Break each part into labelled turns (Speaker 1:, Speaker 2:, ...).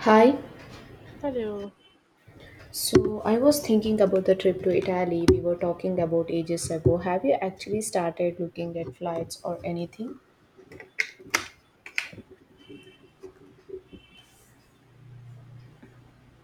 Speaker 1: Hi.
Speaker 2: Hello.
Speaker 1: So I was thinking about the trip to Italy we were talking about ages ago. Have you actually started looking at flights or anything?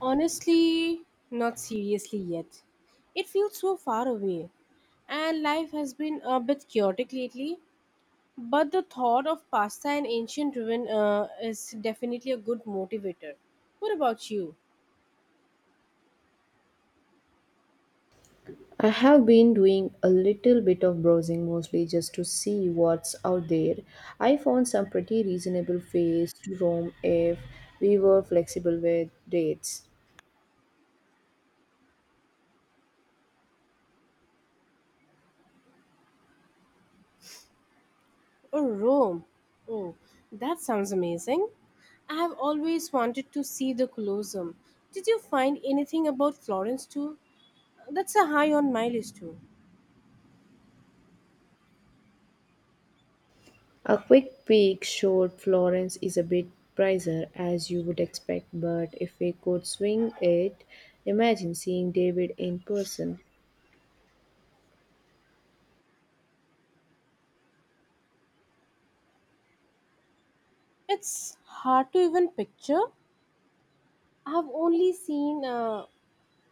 Speaker 2: Honestly, not seriously yet. It feels so far away. And life has been a bit chaotic lately. But the thought of pasta and ancient ruin is definitely a good motivator. What about you?
Speaker 1: I have been doing a little bit of browsing, mostly just to see what's out there. I found some pretty reasonable fares to Rome if we were flexible with dates.
Speaker 2: Or Rome? Oh, that sounds amazing. I have always wanted to see the Colosseum. Did you find anything about Florence too? That's a high on my list too.
Speaker 1: A quick peek showed Florence is a bit pricier as you would expect, but if we could swing it, imagine seeing David in person.
Speaker 2: It's hard to even picture. I've only seen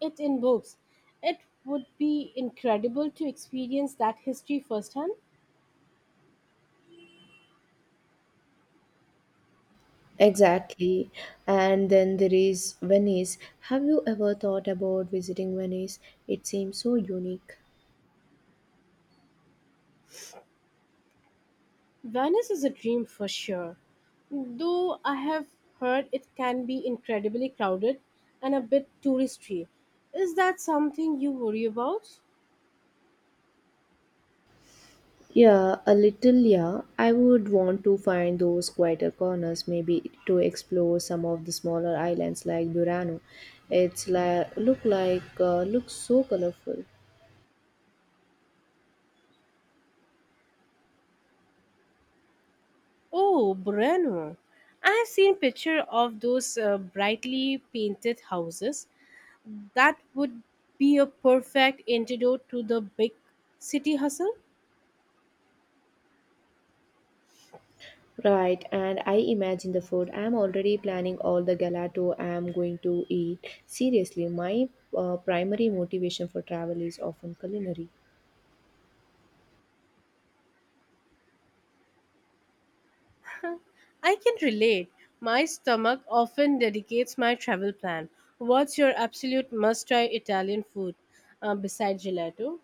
Speaker 2: it in books. It would be incredible to experience that history firsthand.
Speaker 1: Exactly. And then there is Venice. Have you ever thought about visiting Venice? It seems so unique.
Speaker 2: Venice is a dream for sure, though I have heard it can be incredibly crowded and a bit touristy. Is that something you worry about?
Speaker 1: Yeah, a little, yeah. I would want to find those quieter corners, maybe to explore some of the smaller islands like Burano. It's like look like looks so colorful.
Speaker 2: Oh, Breno. I have seen picture of those brightly painted houses. That would be a perfect antidote to the big city hustle.
Speaker 1: Right, and I imagine the food. I'm already planning all the gelato I'm going to eat. Seriously, my primary motivation for travel is often culinary.
Speaker 2: I can relate. My stomach often dedicates my travel plan. What's your absolute must try Italian food besides gelato?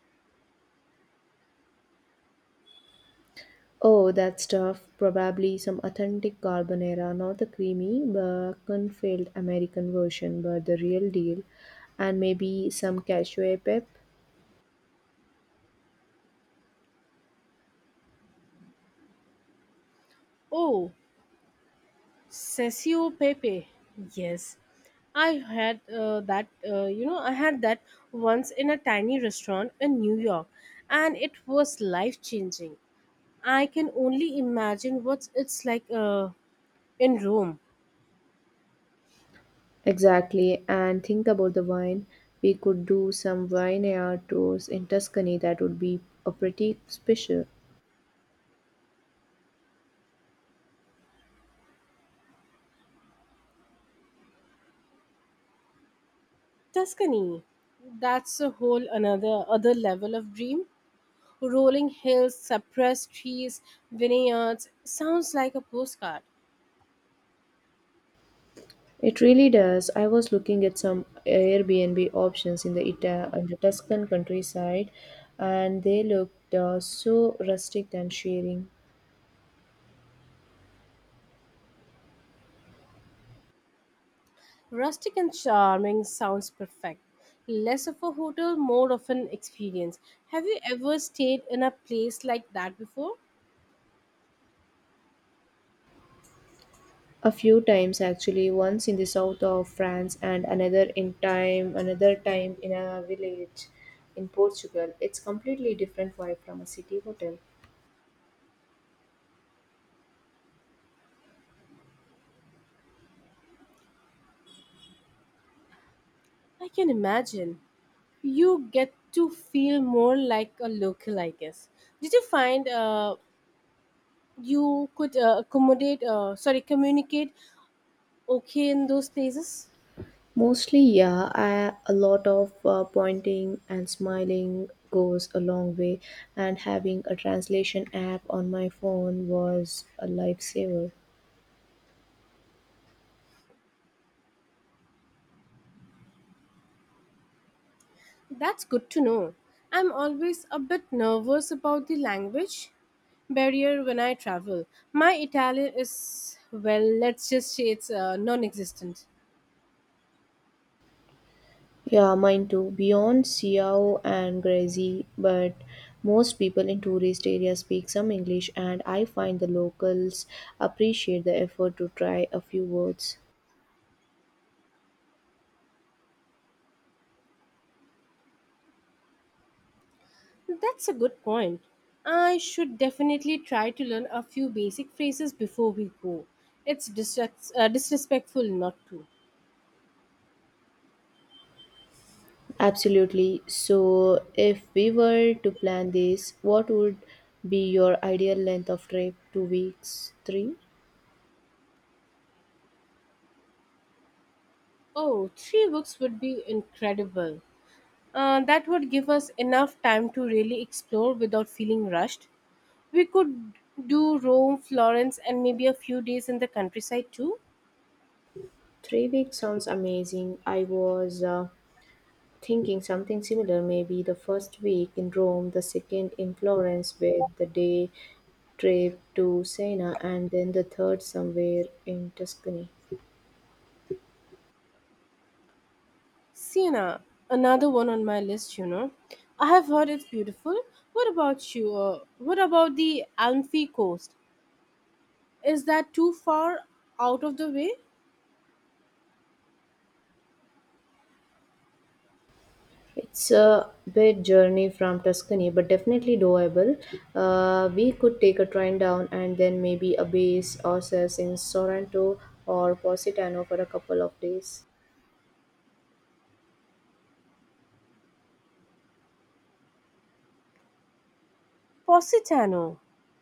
Speaker 1: Oh, that stuff. Probably some authentic carbonara, not the creamy Baconfield American version, but the real deal. And maybe some cashew pep.
Speaker 2: Oh, Sessio Pepe. Yes. I had I had that once in a tiny restaurant in New York, and it was life changing. I can only imagine what it's like in Rome.
Speaker 1: Exactly. And think about the wine. We could do some vineyard tours in Tuscany. That would be a pretty special.
Speaker 2: Tuscany. That's a whole another other level of dream. Rolling hills, suppressed trees, vineyards. Sounds like a postcard.
Speaker 1: It really does. I was looking at some Airbnb options in the in the Tuscan countryside, and they looked so rustic and shearing.
Speaker 2: Rustic and charming sounds perfect. Less of a hotel, more of an experience. Have you ever stayed in a place like that before?
Speaker 1: A few times actually, once in the south of France and another time in a village in Portugal. It's completely different vibe from a city hotel.
Speaker 2: I can imagine. You get to feel more like a local, I guess. Did you find you could communicate okay in those places?
Speaker 1: Mostly, yeah, a lot of pointing and smiling goes a long way, and having a translation app on my phone was a lifesaver.
Speaker 2: That's good to know. I'm always a bit nervous about the language barrier when I travel. My Italian is, well, let's just say it's non existent.
Speaker 1: Yeah, mine too. Beyond Xiao and Grazi, but most people in tourist areas speak some English, and I find the locals appreciate the effort to try a few words.
Speaker 2: That's a good point. I should definitely try to learn a few basic phrases before we go. It's disrespectful not to.
Speaker 1: Absolutely. So, if we were to plan this, what would be your ideal length of trip? 2 weeks? Three?
Speaker 2: Oh, three books would be incredible. That would give us enough time to really explore without feeling rushed. We could do Rome, Florence, and maybe a few days in the countryside too.
Speaker 1: 3 weeks sounds amazing. I was thinking something similar, maybe the first week in Rome, the second in Florence, with the day trip to Siena and then the third somewhere in Tuscany.
Speaker 2: Siena, another one on my list, you know. I have heard it's beautiful. What about you? What about the Amalfi Coast? Is that too far out of the way?
Speaker 1: It's a bit journey from Tuscany, but definitely doable. We could take a train down and then maybe a base ourselves in Sorrento or Positano for a couple of days.
Speaker 2: Positano.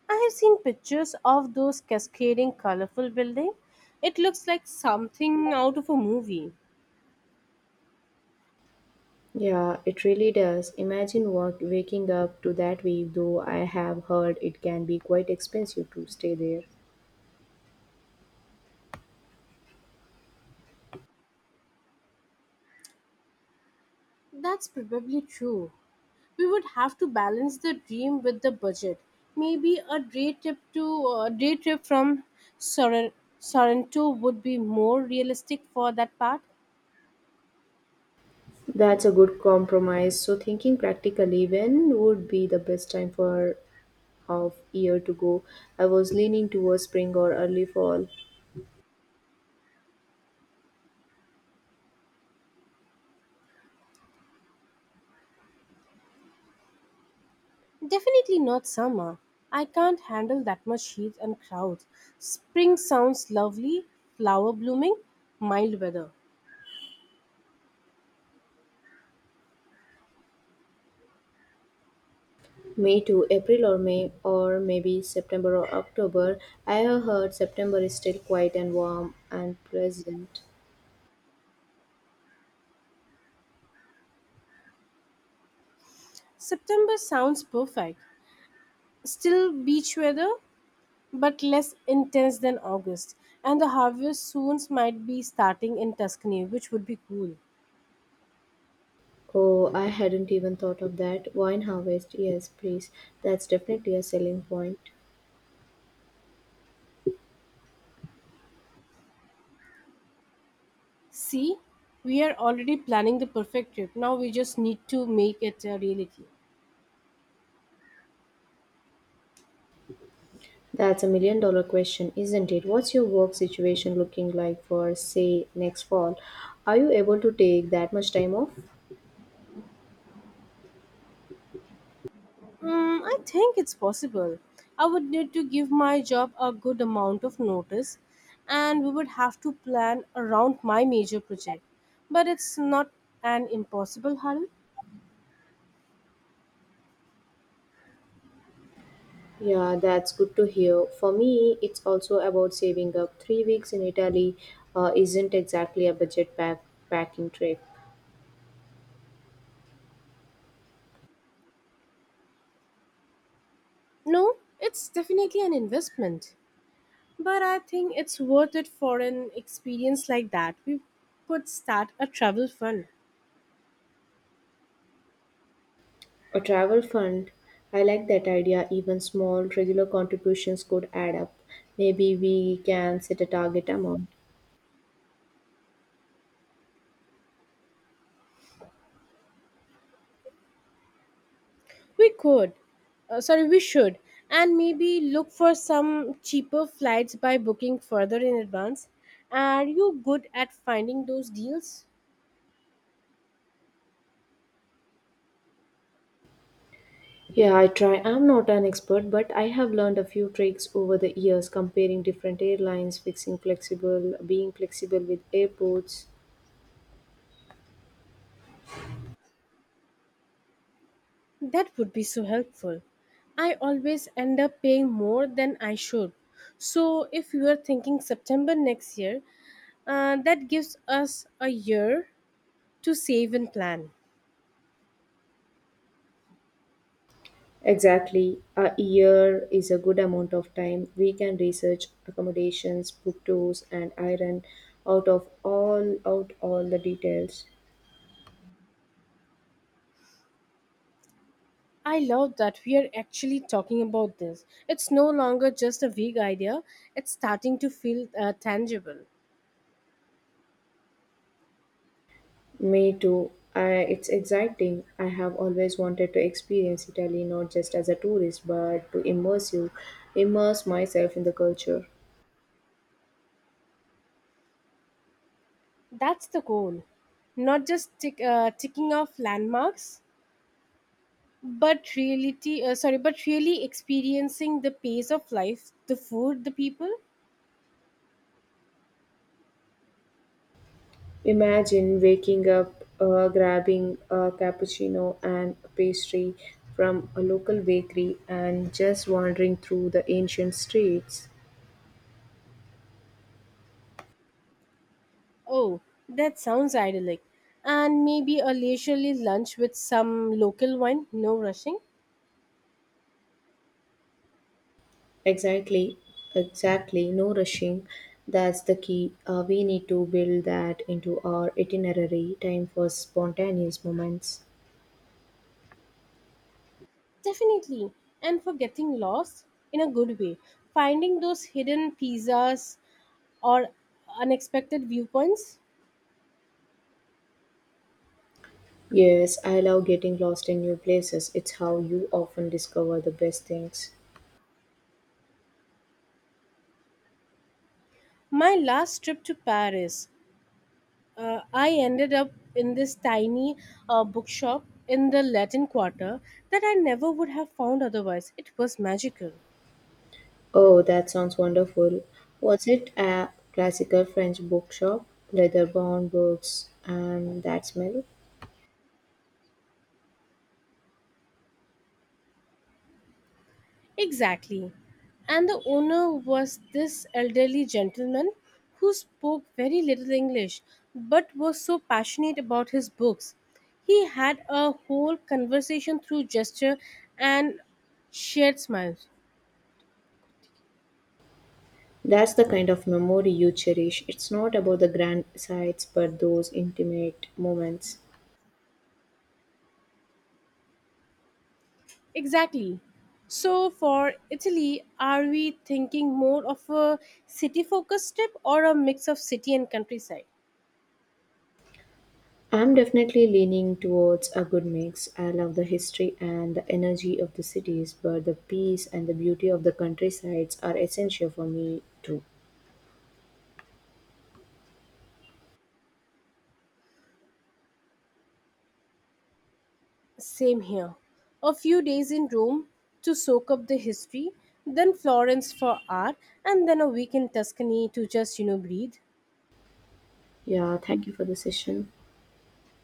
Speaker 2: I have seen pictures of those cascading colorful buildings. It looks like something out of a movie.
Speaker 1: Yeah, it really does. Imagine waking up to that wave, though I have heard it can be quite expensive to stay there.
Speaker 2: That's probably true. We would have to balance the dream with the budget. Maybe a day trip from Soren- Sorrento would be more realistic for that part.
Speaker 1: That's a good compromise. So, thinking practically, when would be the best time for of year to go. I was leaning towards spring or early fall.
Speaker 2: Definitely not summer. I can't handle that much heat and crowds. Spring sounds lovely, flower blooming, mild weather.
Speaker 1: May to April or May, or maybe September or October. I have heard September is still quiet and warm and pleasant.
Speaker 2: September sounds perfect. Still beach weather, but less intense than August. And the harvest soon might be starting in Tuscany, which would be cool.
Speaker 1: Oh, I hadn't even thought of that. Wine harvest, yes, please. That's definitely a selling point.
Speaker 2: See, we are already planning the perfect trip. Now we just need to make it a reality.
Speaker 1: That's a million dollar question, isn't it? What's your work situation looking like for, say, next fall? Are you able to take that much time off?
Speaker 2: Mm, I think it's possible. I would need to give my job a good amount of notice and we would have to plan around my major project. But it's not an impossible hurdle.
Speaker 1: Yeah, that's good to hear. For me, it's also about saving up. 3 weeks in Italy isn't exactly a budget backpacking trip.
Speaker 2: No, it's definitely an investment. But I think it's worth it for an experience like that. We could start a travel fund.
Speaker 1: A travel fund, I like that idea. Even small, regular contributions could add up. Maybe we can set a target amount.
Speaker 2: We could, we should, and maybe look for some cheaper flights by booking further in advance. Are you good at finding those deals?
Speaker 1: Yeah, I try. I'm not an expert, but I have learned a few tricks over the years, comparing different airlines, being flexible with airports.
Speaker 2: That would be so helpful. I always end up paying more than I should. So, if you are thinking September next year, that gives us a year to save and plan.
Speaker 1: Exactly. A year is a good amount of time. We can research accommodations, book tours, and iron out of all out all the details.
Speaker 2: I love that we are actually talking about this. It's no longer just a vague idea, it's starting to feel tangible.
Speaker 1: Me too. It's exciting. I have always wanted to experience Italy not just as a tourist but to immerse myself in the culture.
Speaker 2: That's the goal. Not just ticking off landmarks, but really experiencing the pace of life, the food, the people.
Speaker 1: Imagine waking up, grabbing a cappuccino and a pastry from a local bakery, and just wandering through the ancient streets.
Speaker 2: Oh, that sounds idyllic. And maybe a leisurely lunch with some local wine. No rushing.
Speaker 1: Exactly, exactly. No rushing. That's the key. We need to build that into our itinerary. Time for spontaneous moments.
Speaker 2: Definitely. And for getting lost in a good way, finding those hidden pizzas or unexpected viewpoints.
Speaker 1: Yes, I love getting lost in new places. It's how you often discover the best things.
Speaker 2: My last trip to Paris, I ended up in this tiny bookshop in the Latin Quarter that I never would have found otherwise. It was magical.
Speaker 1: Oh, that sounds wonderful. Was it a classical French bookshop? Leather-bound books and that smell?
Speaker 2: Exactly. And the owner was this elderly gentleman who spoke very little English but was so passionate about his books. He had a whole conversation through gesture and shared smiles.
Speaker 1: That's the kind of memory you cherish. It's not about the grand sights, but those intimate moments.
Speaker 2: Exactly. So for Italy, are we thinking more of a city focused trip or a mix of city and countryside?
Speaker 1: I'm definitely leaning towards a good mix. I love the history and the energy of the cities, but the peace and the beauty of the countrysides are essential for me too.
Speaker 2: Same here. A few days in Rome to soak up the history, then Florence for art, and then a week in Tuscany to just, you know, breathe.
Speaker 1: Yeah, thank you for the session.